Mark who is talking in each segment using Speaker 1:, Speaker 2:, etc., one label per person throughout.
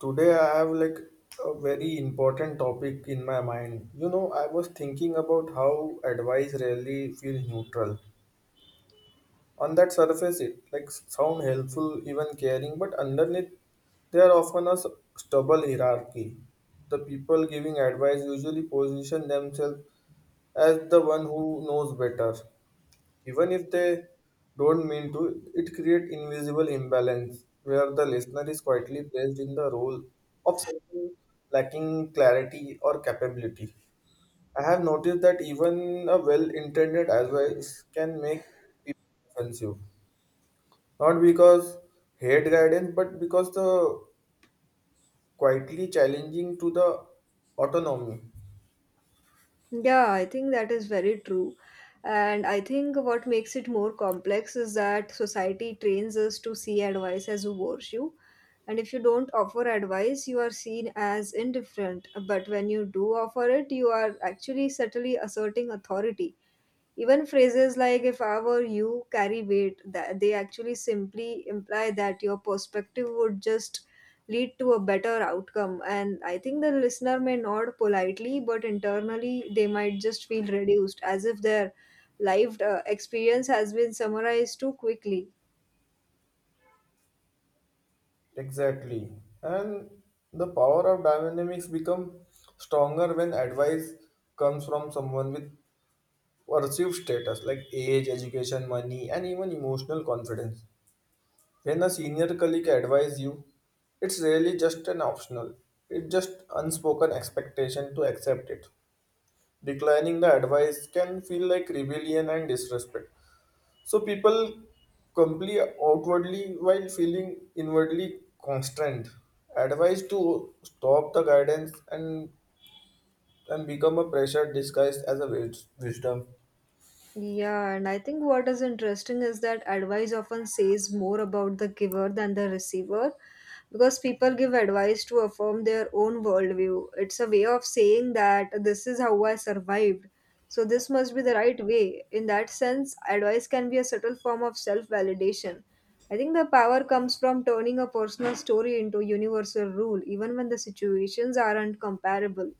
Speaker 1: Today I have like a very important topic in my mind. I was thinking about how advice rarely feels neutral. On that surface, it like sound helpful, even caring, but underneath there are often a stubble hierarchy. The people giving advice usually position themselves as the one who knows better even if they don't mean to, it creates invisible imbalance where the listener is quietly placed in the role of someone lacking clarity or capability. I have noticed that even a well-intended advice can make people offensive, not because hate guidance, but because the quietly challenging to the autonomy.
Speaker 2: Yeah, I think that is very true. And I think what makes it more complex is that society trains us to see advice as a virtue. And if you don't offer advice, you are seen as indifferent. But when you do offer it, you are actually subtly asserting authority. Even phrases like if I were you carry weight that they actually simply imply that your perspective would just lead to a better outcome. And I think the listener may nod politely, but internally they might just feel reduced as if their life experience has been summarized too quickly.
Speaker 1: Exactly. And the power of dynamics become stronger when advice comes from someone with perceived status like age, education, money, and even emotional confidence. When a senior colleague advise you, it's really just an optional. It's just unspoken expectation to accept it. Declining the advice can feel like rebellion and disrespect. So people comply outwardly while feeling inwardly constrained. Advised to stop the guidance and become a pressure disguised as a wisdom.
Speaker 2: Yeah, and I think what is interesting is that advice often says more about the giver than the receiver because people give advice to affirm their own worldview. It's a way of saying that this is how I survived, so this must be the right way. In that sense, advice can be a subtle form of self validation. I think the power comes from turning a personal story into a universal rule, even when the situations aren't comparable.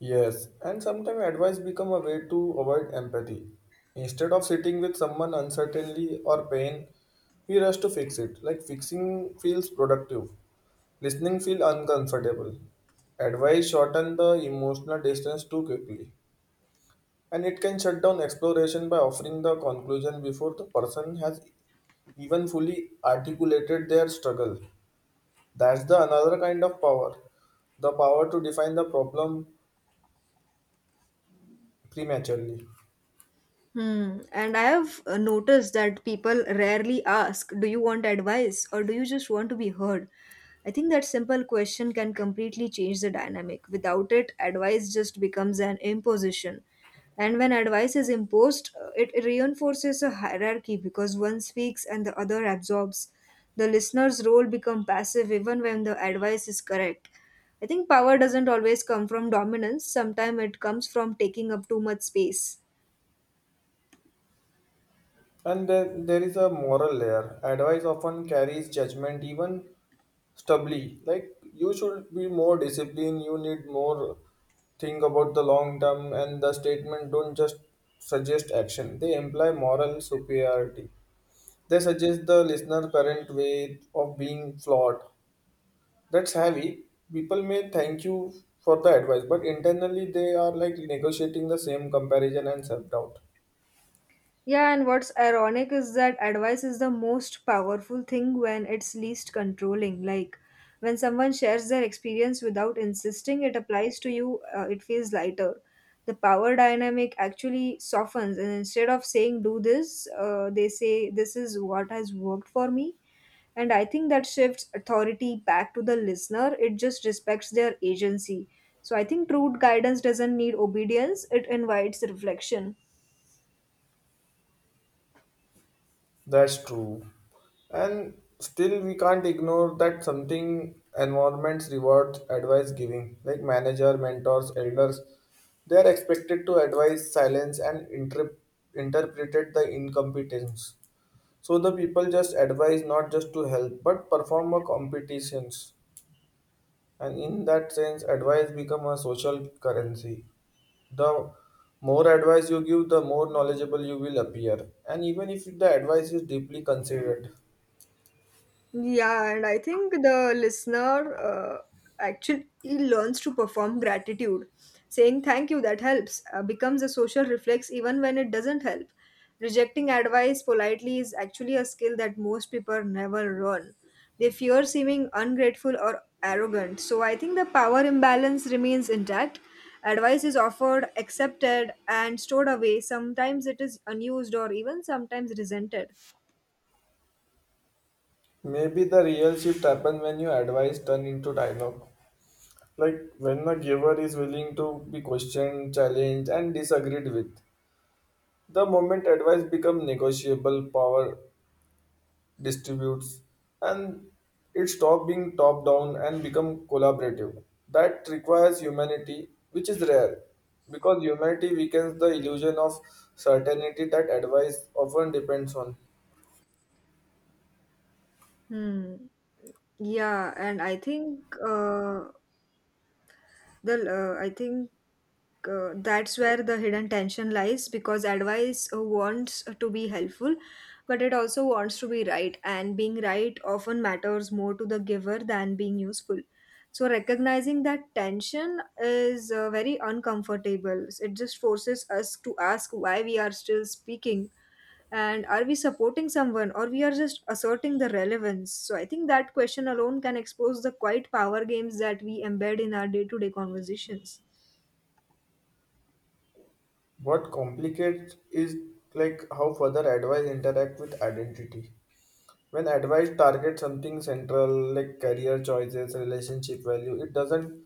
Speaker 1: Yes, and sometimes advice become a way to avoid empathy. Instead of sitting with someone uncertainly or pain, we rush to fix it. Like fixing feels productive, listening feel uncomfortable. Advice shorten the emotional distance too quickly. And it can shut down exploration by offering the conclusion before the person has even fully articulated their struggle. That's the another kind of power, the power to define the problem prematurely.
Speaker 2: Hmm. And I have noticed that people rarely ask, Do you want advice or do you just want to be heard? I think that simple question can completely change the dynamic. Without it, advice just becomes an imposition. And when advice is imposed, it reinforces a hierarchy because one speaks and the other absorbs. The listener's role becomes passive even when the advice is correct. I think power doesn't always come from dominance, sometimes it comes from taking up too much space.
Speaker 1: And then there is a moral layer. Advice often carries judgment, even stubbly. Like you should be more disciplined, you need more think about the long term, and the statement don't just suggest action. They imply moral superiority. They suggest the listener current way of being flawed. That's heavy. People may thank you for the advice, but internally they are like negotiating the same comparison and self doubt.
Speaker 2: Yeah, and what's ironic is that advice is the most powerful thing when it's least controlling. Like when someone shares their experience without insisting it applies to you, it feels lighter. The power dynamic actually softens, and instead of saying do this, they say this is what has worked for me. And I think that shifts authority back to the listener. It just respects their agency. So I think true guidance doesn't need obedience, it invites reflection.
Speaker 1: That's true. And still, we can't ignore that something environments reward advice giving, like manager, mentors, elders. They are expected to advise silence and interpret the incompetence. So the people just advise not just to help but perform a competitions, and in that sense advice become a social currency. The more advice you give, the more knowledgeable you will appear, and even if the advice is deeply considered,
Speaker 2: Yeah, and I think the listener actually learns to perform gratitude. Saying thank you that helps becomes a social reflex even when it doesn't help. Rejecting advice politely is actually a skill that most people never learn. They fear seeming ungrateful or arrogant. So I think the power imbalance remains intact. Advice is offered, accepted, and stored away. Sometimes it is unused or even sometimes resented.
Speaker 1: maybe the real shift happens when your advice turn into dialogue. Like when the giver is willing to be questioned, challenged and disagreed with, the moment advice become negotiable, power distributes, and it stop being top down and become collaborative. That requires humanity, which is rare because humanity weakens the illusion of certainty that advice often depends on.
Speaker 2: Hmm. Yeah, and I think the I think That's where the hidden tension lies because advice wants to be helpful, but it also wants to be right, and being right often matters more to the giver than being useful. So recognizing that tension is very uncomfortable. It just forces us to ask why we are still speaking and are we supporting someone or we are just asserting the relevance. So I think that question alone can expose the quiet power games that we embed in our day-to-day conversations.
Speaker 1: What complicates is like how further advice interact with identity. When advice targets something central like career choices, relationship value, it doesn't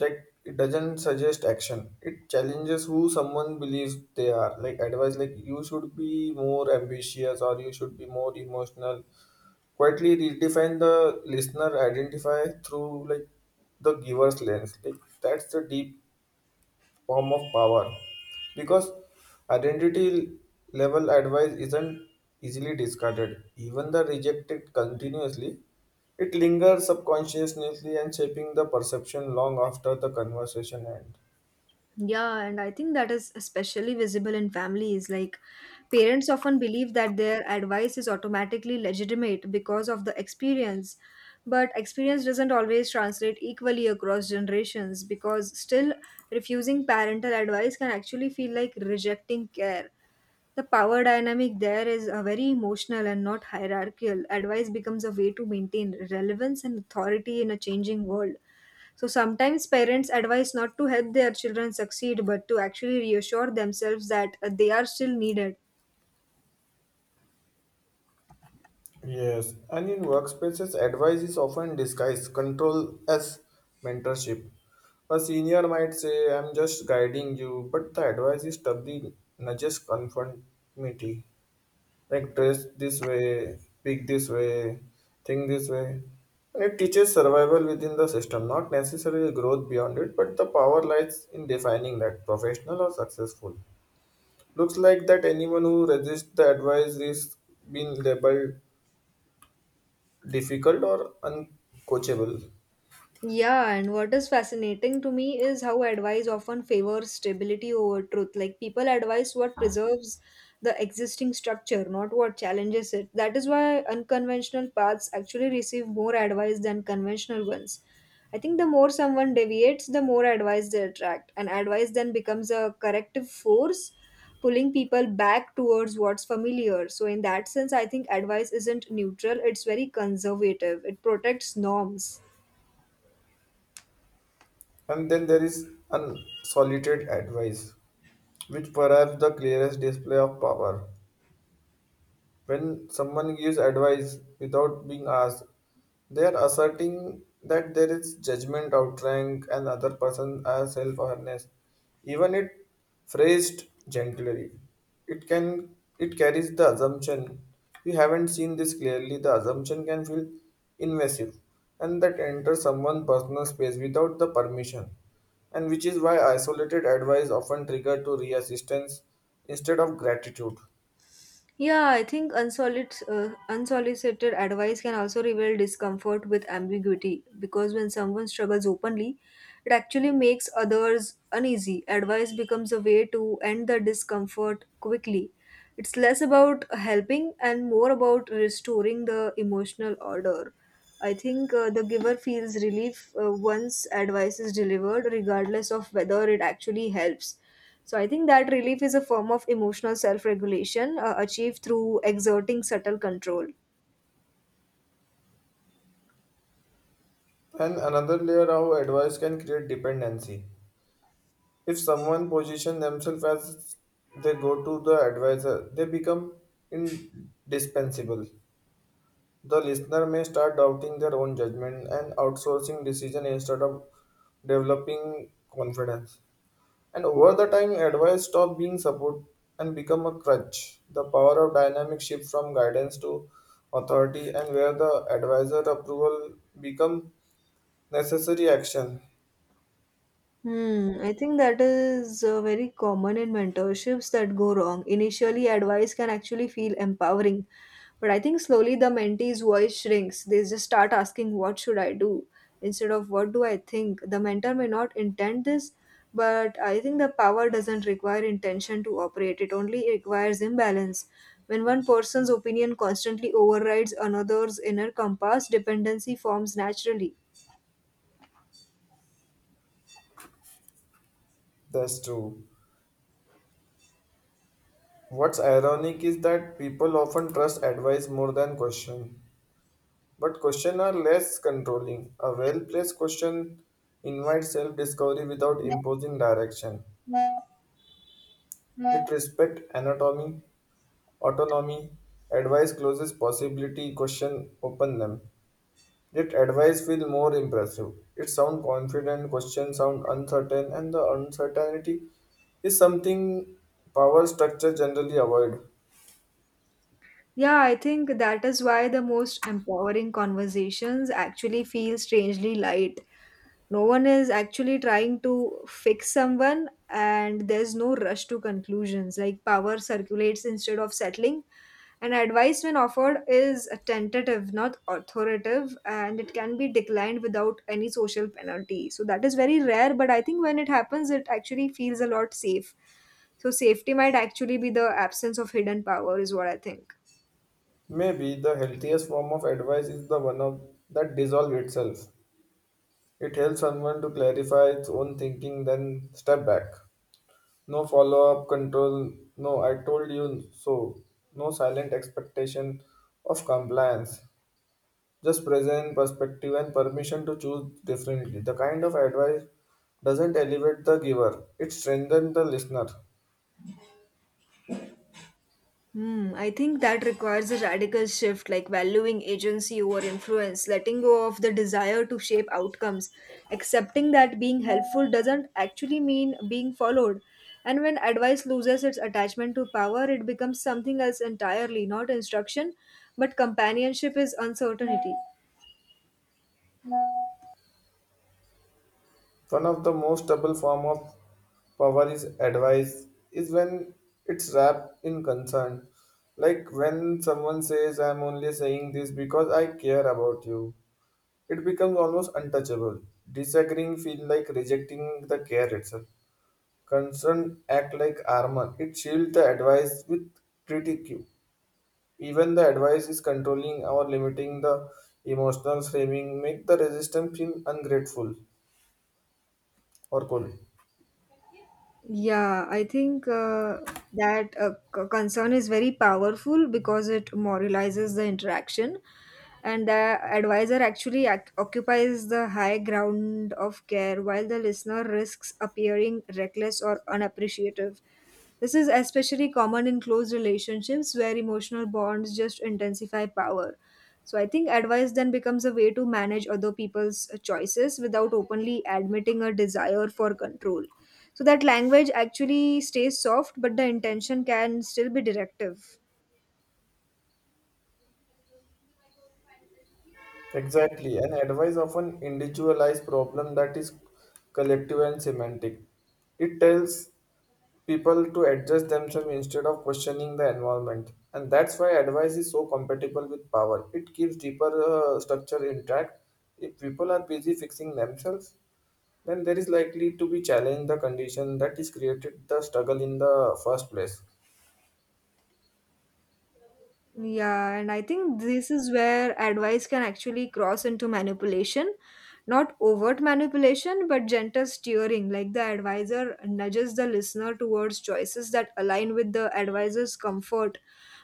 Speaker 1: like it doesn't suggest action, it challenges who someone believes they are. Like advice like you should be more ambitious or you should be more emotional quietly redefine the listener identify through like the giver's lens. Like that's the deep form of power because identity level advice isn't easily discarded. Even the rejected continuously, it lingers subconsciously and shaping the perception long after the conversation ends.
Speaker 2: Yeah, and I think that is especially visible in families. Like parents often believe that their advice is automatically legitimate because of the experience, but experience doesn't always translate equally across generations because still refusing parental advice can actually feel like rejecting care. The power dynamic there is a very emotional and not hierarchical. Advice becomes a way to maintain relevance and authority in a changing world. So sometimes parents advise not to help their children succeed, but to actually reassure themselves that they are still needed.
Speaker 1: Yes, and in workspaces, advice is often disguised control as mentorship. A senior might say, I'm just guiding you, but the advice is doubly nudges conformity. Like dress this way, speak this way, think this way. And it teaches survival within the system, not necessarily growth beyond it, but the power lies in defining that professional or successful. Looks like that anyone who resists the advice is being labeled difficult or uncoachable.
Speaker 2: Yeah, and what is fascinating to me is how advice often favors stability over truth. Like people advise what preserves the existing structure, not what challenges it. That is why unconventional paths actually receive more advice than conventional ones. I think the more someone deviates, the more advice they attract, and advice then becomes a corrective force, pulling people back towards what's familiar. So, in that sense, I think advice isn't neutral, it's very conservative, it protects norms.
Speaker 1: And then there is unsolicited advice, which perhaps the clearest display of power. When someone gives advice without being asked, they are asserting that there is judgment, outrank, another person as self-awareness. Even it phrased gently, it carries the assumption. You haven't seen this clearly. The assumption can feel invasive, and that enters someone's personal space without the permission, and which is why isolated advice often trigger to resistance instead of gratitude.
Speaker 2: Yeah, I think unsolicited advice can also reveal discomfort with ambiguity because when someone struggles openly, it actually makes others uneasy. Advice becomes a way to end the discomfort quickly. It's less about helping and more about restoring the emotional order. I think the giver feels relief once advice is delivered, regardless of whether it actually helps. So I think that relief is a form of emotional self regulation achieved through exerting subtle control.
Speaker 1: And another layer how advice can create dependency. If someone position themselves as they go to the advisor, they become indispensable. The listener may start doubting their own judgment and outsourcing decision instead of developing confidence. And over the time, advice stop being support and become a crutch. The power of dynamic shift from guidance to authority and where the advisor approval become necessary action.
Speaker 2: Hmm, I think that is very common in mentorships that go wrong. Initially, advice can actually feel empowering, but I think slowly the mentee's voice shrinks. They just start asking, What should I do? Instead of What do I think? The mentor may not intend this, but I think the power doesn't require intention to operate, it only requires imbalance. When one person's opinion constantly overrides another's inner compass, dependency forms naturally.
Speaker 1: That's true. What's ironic is that people often trust advice more than question, but questions are less controlling. A well placed question invites self discovery without imposing direction. It respects anatomy, autonomy, advice closes possibility, question open them. Yet advice feel more impressive. It sound confident, question sound uncertain, and the uncertainty is something power structure generally avoid.
Speaker 2: Yeah, I think that is why the most empowering conversations actually feel strangely light. No one is actually trying to fix someone, and there's no rush to conclusions. Like power circulates instead of settling, and advice, when offered, is tentative, not authoritative, and it can be declined without any social penalty. So, that is very rare, but I think when it happens, it actually feels a lot safe. So, safety might actually be the absence of hidden power, is what I think.
Speaker 1: Maybe the healthiest form of advice is the one of that dissolve itself. It helps someone to clarify its own thinking, then step back. No follow up control, no I told you so, no silent expectation of compliance. Just present perspective and permission to choose differently. The kind of advice doesn't elevate the giver, it strengthens the listener.
Speaker 2: Hmm, I think that requires a radical shift like valuing agency over influence, letting go of the desire to shape outcomes, accepting that being helpful doesn't actually mean being followed. And when advice loses its attachment to power, it becomes something else entirely, not instruction, but companionship is uncertainty.
Speaker 1: One of the most stable form of power is advice is when it's wrapped in concern. Like when someone says I'm only saying this because I care about you. It becomes almost untouchable. Disagreeing feel like rejecting the care itself. Concern act like armor. It shields the advice with critique. Even the advice is controlling or limiting the emotional framing make the resistance feel ungrateful or cold.
Speaker 2: Yeah, I think concern is very powerful because it moralizes the interaction, and the advisor actually occupies the high ground of care while the listener risks appearing reckless or unappreciative. This is especially common in close relationships where emotional bonds just intensify power. So I think advice then becomes a way to manage other people's choices without openly admitting a desire for control, so that language actually stays soft but the intention can still be directive.
Speaker 1: Exactly, and advice of an individualized problem that is collective and semantic. It tells people to adjust themselves instead of questioning the environment, and that's why advice is so compatible with power. It keeps deeper structure intact. If people are busy fixing themselves, then there is likely to be challenge the condition that is created the struggle in the first place.
Speaker 2: Yeah, and I think this is where advice can actually cross into manipulation. Not overt manipulation, but gentle steering, like the advisor nudges the listener towards choices that align with the advisor's comfort,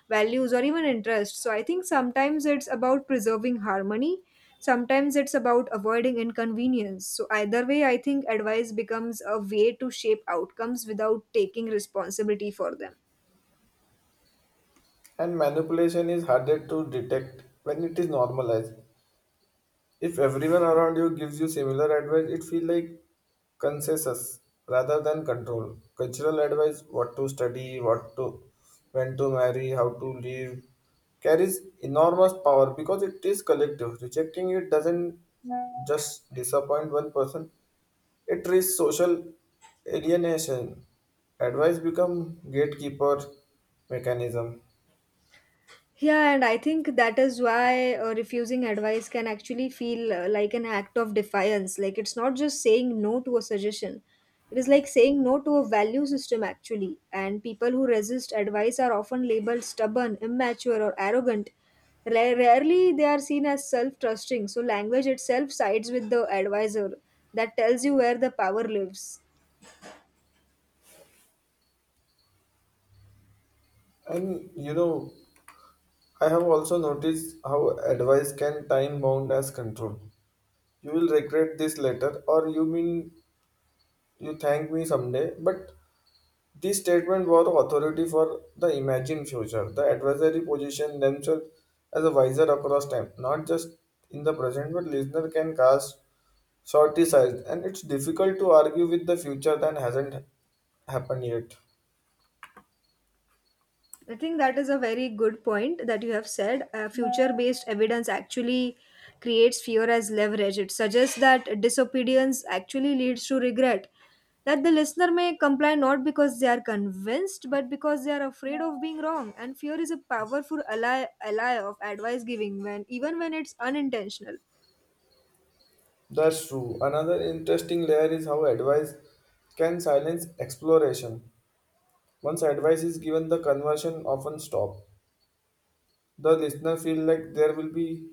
Speaker 2: values, or even interests. So I think sometimes it's about preserving harmony, sometimes it's about avoiding inconvenience. So either way, I think advice becomes a way to shape outcomes without taking responsibility for them.
Speaker 1: And manipulation is harder to detect when it is normalized. If everyone around you gives you similar advice, it feels like consensus rather than control. Cultural advice, what to study, what to when to marry, how to live, carries enormous power because it is collective. Rejecting it doesn't just disappoint one person, it risks social alienation. Advice become gatekeeper mechanism.
Speaker 2: Yeah, and I think that is why refusing advice can actually feel like an act of defiance. Like it's not just saying no to a suggestion, it is like saying no to a value system, actually. And people who resist advice are often labeled stubborn, immature, or arrogant. Rarely they are seen as self trusting. So, language itself sides with the advisor that tells you where the power lives.
Speaker 1: And I have also noticed how advice can time bound as control. You will regret this later, or you mean you thank me someday. But this statement was authority for the imagined future. The advisory position themselves as a wiser across time, not just in the present, but listener can cast shortesize, and it's difficult to argue with the future that hasn't happened yet.
Speaker 2: I think that is a very good point that you have said. Future based evidence actually creates fear as leverage. It suggests that disobedience actually leads to regret. That the listener may comply not because they are convinced, but because they are afraid of being wrong. And fear is a powerful ally, ally of advice giving, when even when it's unintentional.
Speaker 1: That's true. Another interesting layer is how advice can silence exploration. Once advice is given, the conversion often stop. The listener feel like there will be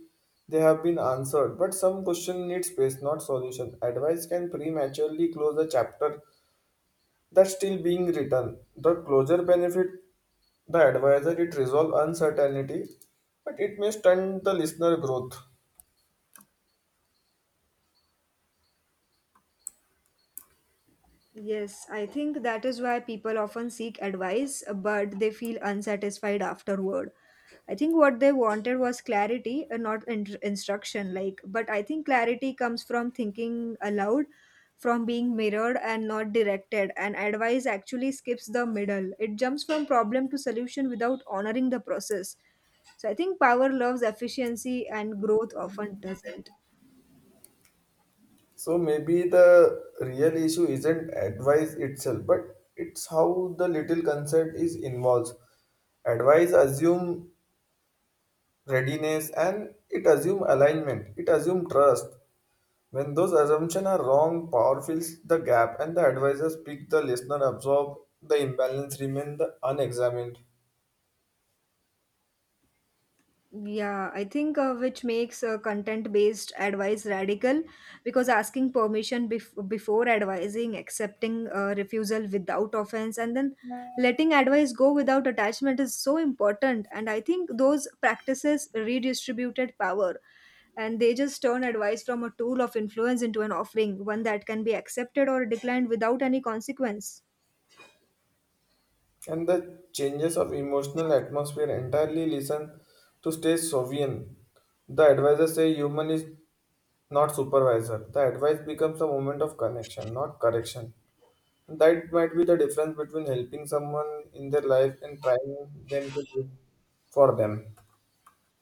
Speaker 1: they have been answered, but some question need space, not solution. Advice can prematurely close a chapter that's still being written. The closure benefit the advisor it resolve uncertainty, but it may stunt the listener growth.
Speaker 2: Yes, I think that is why people often seek advice, but they feel unsatisfied afterward. I think what they wanted was clarity, not in- instruction. Like, but I think clarity comes from thinking aloud, from being mirrored and not directed. And advice actually skips the middle. It jumps from problem to solution without honoring the process. So I think power loves efficiency, and growth often doesn't.
Speaker 1: So maybe the real issue isn't advice itself, but it's how the little consent is involved. Advice assume readiness, and it assume alignment, it assume trust. When those assumptions are wrong, power fills the gap, and the advisor speak, the listener absorb, the imbalance remain the unexamined.
Speaker 2: Yeah, I think which makes Content-based advice radical because asking permission before advising, accepting refusal without offense, and then letting advice go without attachment is so important. And I think those practices redistributed power and they just turn advice from a tool of influence into an offering, one that can be accepted or declined without any consequence.
Speaker 1: And the changes of emotional atmosphere entirely listen to stay sovereign, the advisor say human is not supervisor, the advice becomes a moment of connection, not correction. That might be the difference between helping someone in their life and trying them to do for them.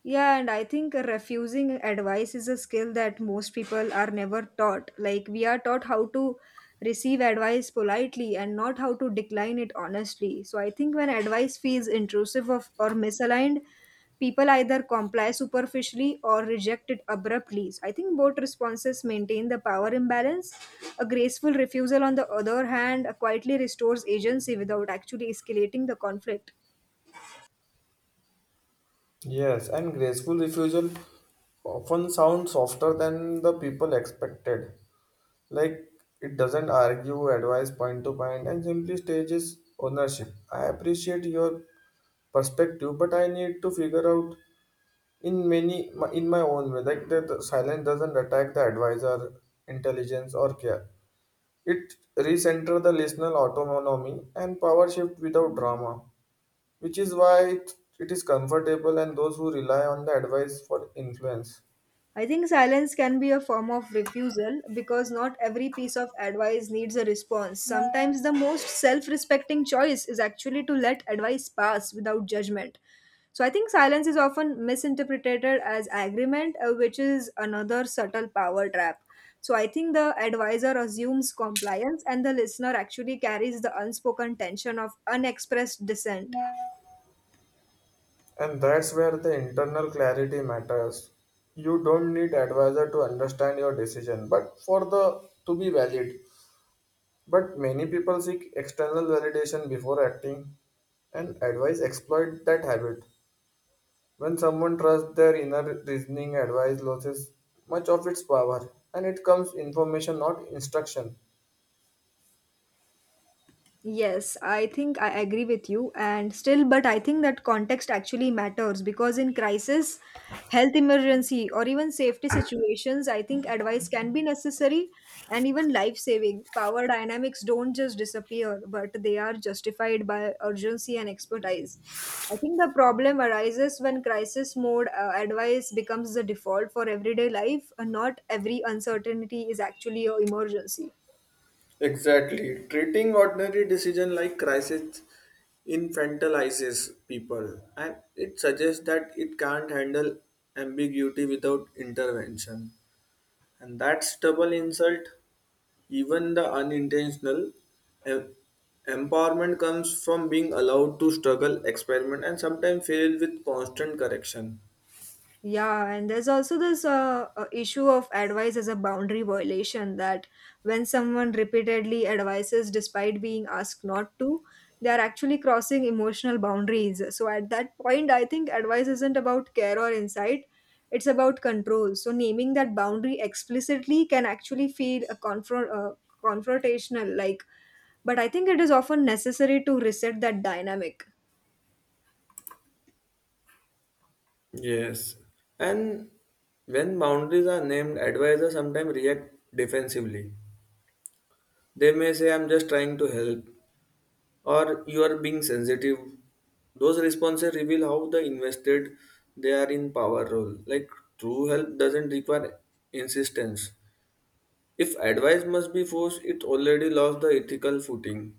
Speaker 2: Yeah, and I think refusing advice is a skill that most people are never taught. Like, we are taught how to receive advice politely and not how to decline it honestly. So, I think when advice feels intrusive of, or misaligned, people either comply superficially or reject it abruptly. So, I think both responses maintain the power imbalance. A graceful refusal, on the other hand, quietly restores agency without actually escalating the conflict.
Speaker 1: Yes, and graceful refusal often sounds softer than the people expected. Like it doesn't argue, advise point to point, and simply stages ownership. I appreciate your perspective, but I need to figure out in my own way. Like that, the silence doesn't attack the advisor, intelligence, or care. It recenters the listener autonomy and power shift without drama, which is why it is comfortable and those who rely on the advice for influence.
Speaker 2: I think silence can be a form of refusal because not every piece of advice needs a response. Sometimes the most self respecting choice is actually to let advice pass without judgment. So I think silence is often misinterpreted as agreement, which is another subtle power trap. So I think the advisor assumes compliance and the listener actually carries the unspoken tension of unexpressed dissent.
Speaker 1: And that's where the internal clarity matters. You don't need advisor to understand your decision, but for the to be valid. But many people seek external validation before acting, and advice exploit that habit. When someone trusts their inner reasoning, advice loses much of its power and it comes information, not instruction.
Speaker 2: Yes, I think I agree with you. And still, but I think that context actually matters because in crisis, health emergency, or even safety situations, I think advice can be necessary and even life saving. Power dynamics don't just disappear, but they are justified by urgency and expertise. I think the problem arises when crisis mode advice becomes the default for everyday life. And not every uncertainty is actually an emergency.
Speaker 1: Exactly. Treating ordinary decision like crisis infantilizes people and it suggests that it can't handle ambiguity without intervention. And that's double insult. Even the unintentional em- empowerment comes from being allowed to struggle, experiment, and sometimes fail with constant correction.
Speaker 2: Yeah, and there's also this issue of advice as a boundary violation that when someone repeatedly advises despite being asked not to, they are actually crossing emotional boundaries. So at that point, I think advice isn't about care or insight, it's about control. So naming that boundary explicitly can actually feel a confrontational like but I think it is often necessary to reset that dynamic.
Speaker 1: Yes. And when boundaries are named, advisors sometimes react defensively. They may say, I'm just trying to help, or you are being sensitive. Those responses reveal how the invested they are in power role. Like true help doesn't require insistence. If advice must be forced, it already lost the ethical footing.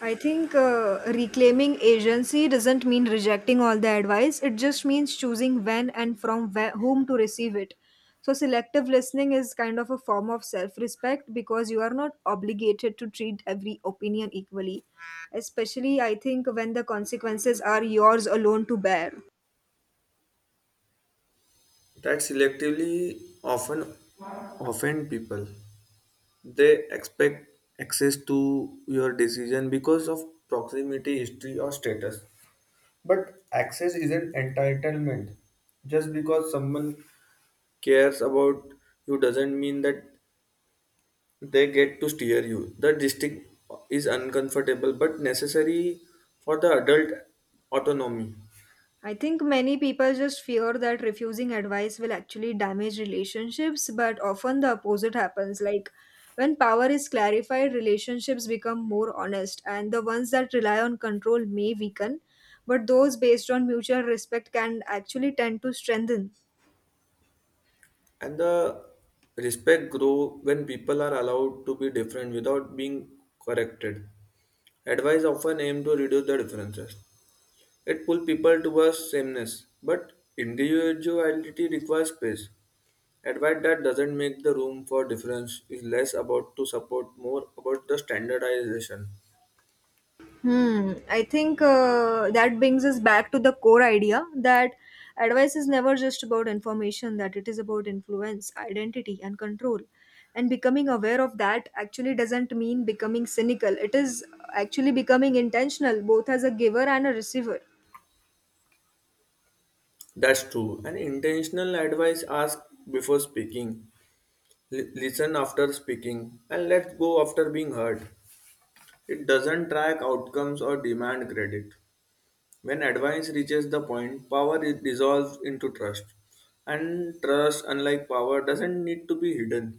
Speaker 2: I think reclaiming agency doesn't mean rejecting all the advice. It just means choosing when and from where, whom to receive it. So, selective listening is kind of a form of self respect because you are not obligated to treat every opinion equally, especially, I think, when the consequences are yours alone to bear.
Speaker 1: That selectively often offend people. They expect access to your decision because of proximity, history, or status. But access isn't entitlement. Just because someone cares about you doesn't mean that they get to steer you. The distinct is uncomfortable but necessary for the adult autonomy.
Speaker 2: I think many people just fear that refusing advice will actually damage relationships, but often the opposite happens. Like when power is clarified, relationships become more honest, and the ones that rely on control may weaken, but those based on mutual respect can actually tend to strengthen.
Speaker 1: And the respect grow when people are allowed to be different without being corrected. Advice often aim to reduce the differences. It pulls people towards sameness, but individuality requires space. Advice that doesn't make the room for difference is less about to support, more about the standardization.
Speaker 2: Hmm. I think that brings us back to the core idea that advice is never just about information, that it is about influence, identity, and control. And becoming aware of that actually doesn't mean becoming cynical, it is actually becoming intentional, both as a giver and a receiver.
Speaker 1: That's true. And intentional advice ask before speaking, listen after speaking, and let go after being heard. It doesn't track outcomes or demand credit. When advice reaches the point, power is dissolves into trust. And trust, unlike power, doesn't need to be hidden.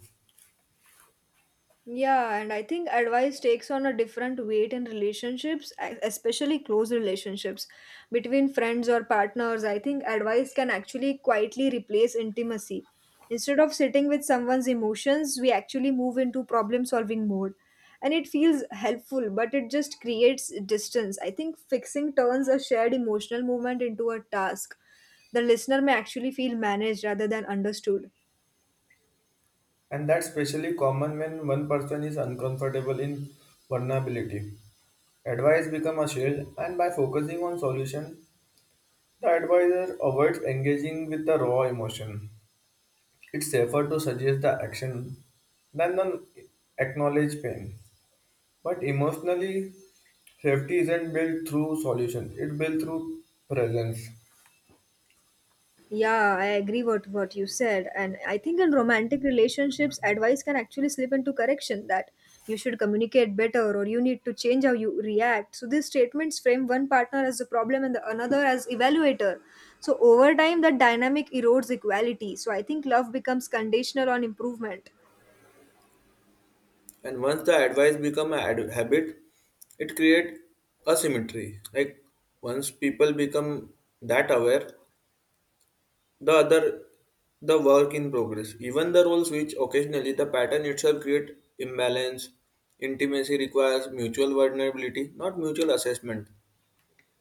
Speaker 2: Yeah, and I think advice takes on a different weight in relationships, especially close relationships between friends or partners. I think advice can actually quietly replace intimacy. Instead of sitting with someone's emotions, we actually move into problem solving mode. And it feels helpful, but it just creates distance. I think fixing turns a shared emotional moment into a task. The listener may actually feel managed rather than understood.
Speaker 1: One person is uncomfortable in vulnerability. Advice becomes a shield, and by solution, the advisor avoids engaging with the emotion. It's safer to suggest the action than the acknowledge pain. But emotionally, safety isn't built through solution; it's built through presence.
Speaker 2: Yeah, I agree what you said, and I think in romantic relationships, advice can actually slip into correction that you should communicate better or you need to change how you react. So these statements frame one partner as the problem and the another as evaluator. So over time, that dynamic erodes equality. So I think love becomes conditional on improvement.
Speaker 1: And once the advice becomes a habit, it creates asymmetry. Like once people become that aware, the other the work in progress. Even the roles switch occasionally, the pattern itself creates imbalance. Intimacy requires mutual vulnerability, not mutual assessment.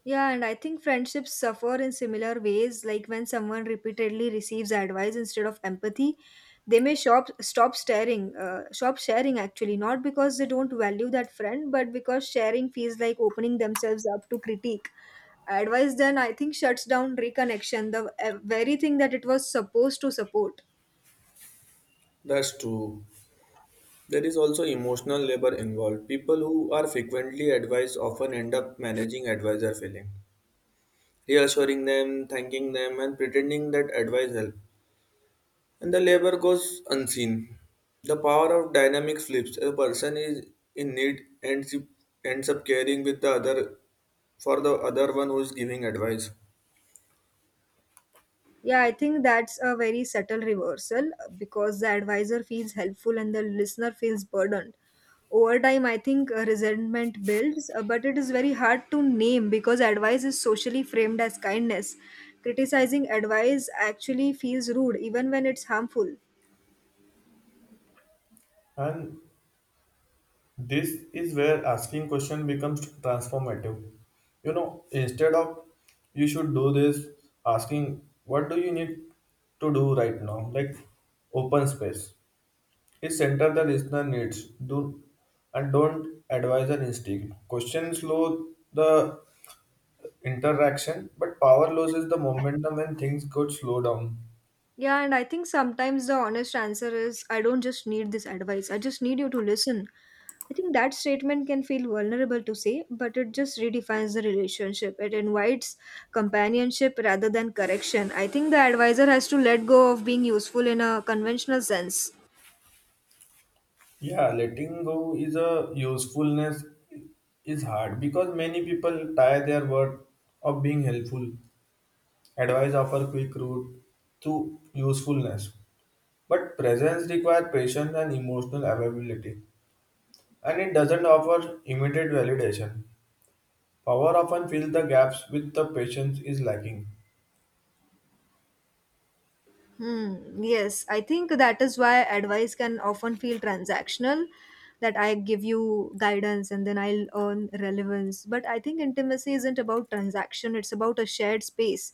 Speaker 2: Yeah, and I think friendships suffer in similar ways. Like when someone repeatedly receives advice instead of empathy, they may stop sharing actually, not because they don't value that friend, but because sharing feels like opening themselves up to critique. Advice then, I think, shuts down reconnection, the very thing that it was supposed to support.
Speaker 1: That's true. There is also emotional labor involved. People who are frequently advised often end up managing advisor feeling, reassuring them, thanking them, and pretending that advice helped. And the labor goes unseen. The power of dynamic flips. A person is in need ends up caring with the other for the other one who is giving advice.
Speaker 2: Yeah, I think that's a very subtle reversal because the advisor feels helpful and the listener feels burdened. Over time, I think resentment builds, but it is very hard to name because advice is socially framed as kindness. Criticizing advice actually feels rude, even when it's harmful.
Speaker 1: And this is where asking question becomes transformative. Instead of you should do this, asking what do you need to do right now, like open space. It center the listener needs. Do and don't advise an instinct. Question slow the interaction, but power loses the momentum when things could slow down.
Speaker 2: Yeah, and I think sometimes the honest answer is I don't just need this advice, I just need you to listen. I think that statement can feel vulnerable to say, but it just redefines the relationship. It invites companionship rather than correction. I think the advisor has to let go of being useful in a conventional sense.
Speaker 1: Yeah, letting go is a usefulness is hard because many people tie their worth of being helpful. Advice offer quick route to usefulness, but presence requires patience and emotional availability, and it doesn't offer immediate validation. Power often fills the gaps with the patience is lacking.
Speaker 2: Hmm. Yes, I think that is why advice can often feel transactional, that I give you guidance and then I'll earn relevance. But I think intimacy isn't about transaction, it's about a shared space.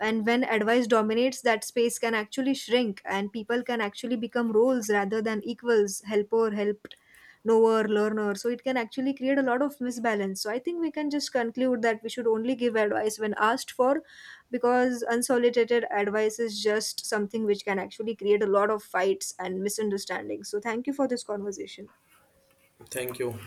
Speaker 2: And when advice dominates, that space can actually shrink and people can actually become roles rather than equals, helper, helped, knower, learner. So it can actually create a lot of misbalance. So I think we can just conclude that we should only give advice when asked for because unsolicited advice is just something which can actually create a lot of fights and misunderstandings. So, thank you for this conversation.
Speaker 1: Thank you.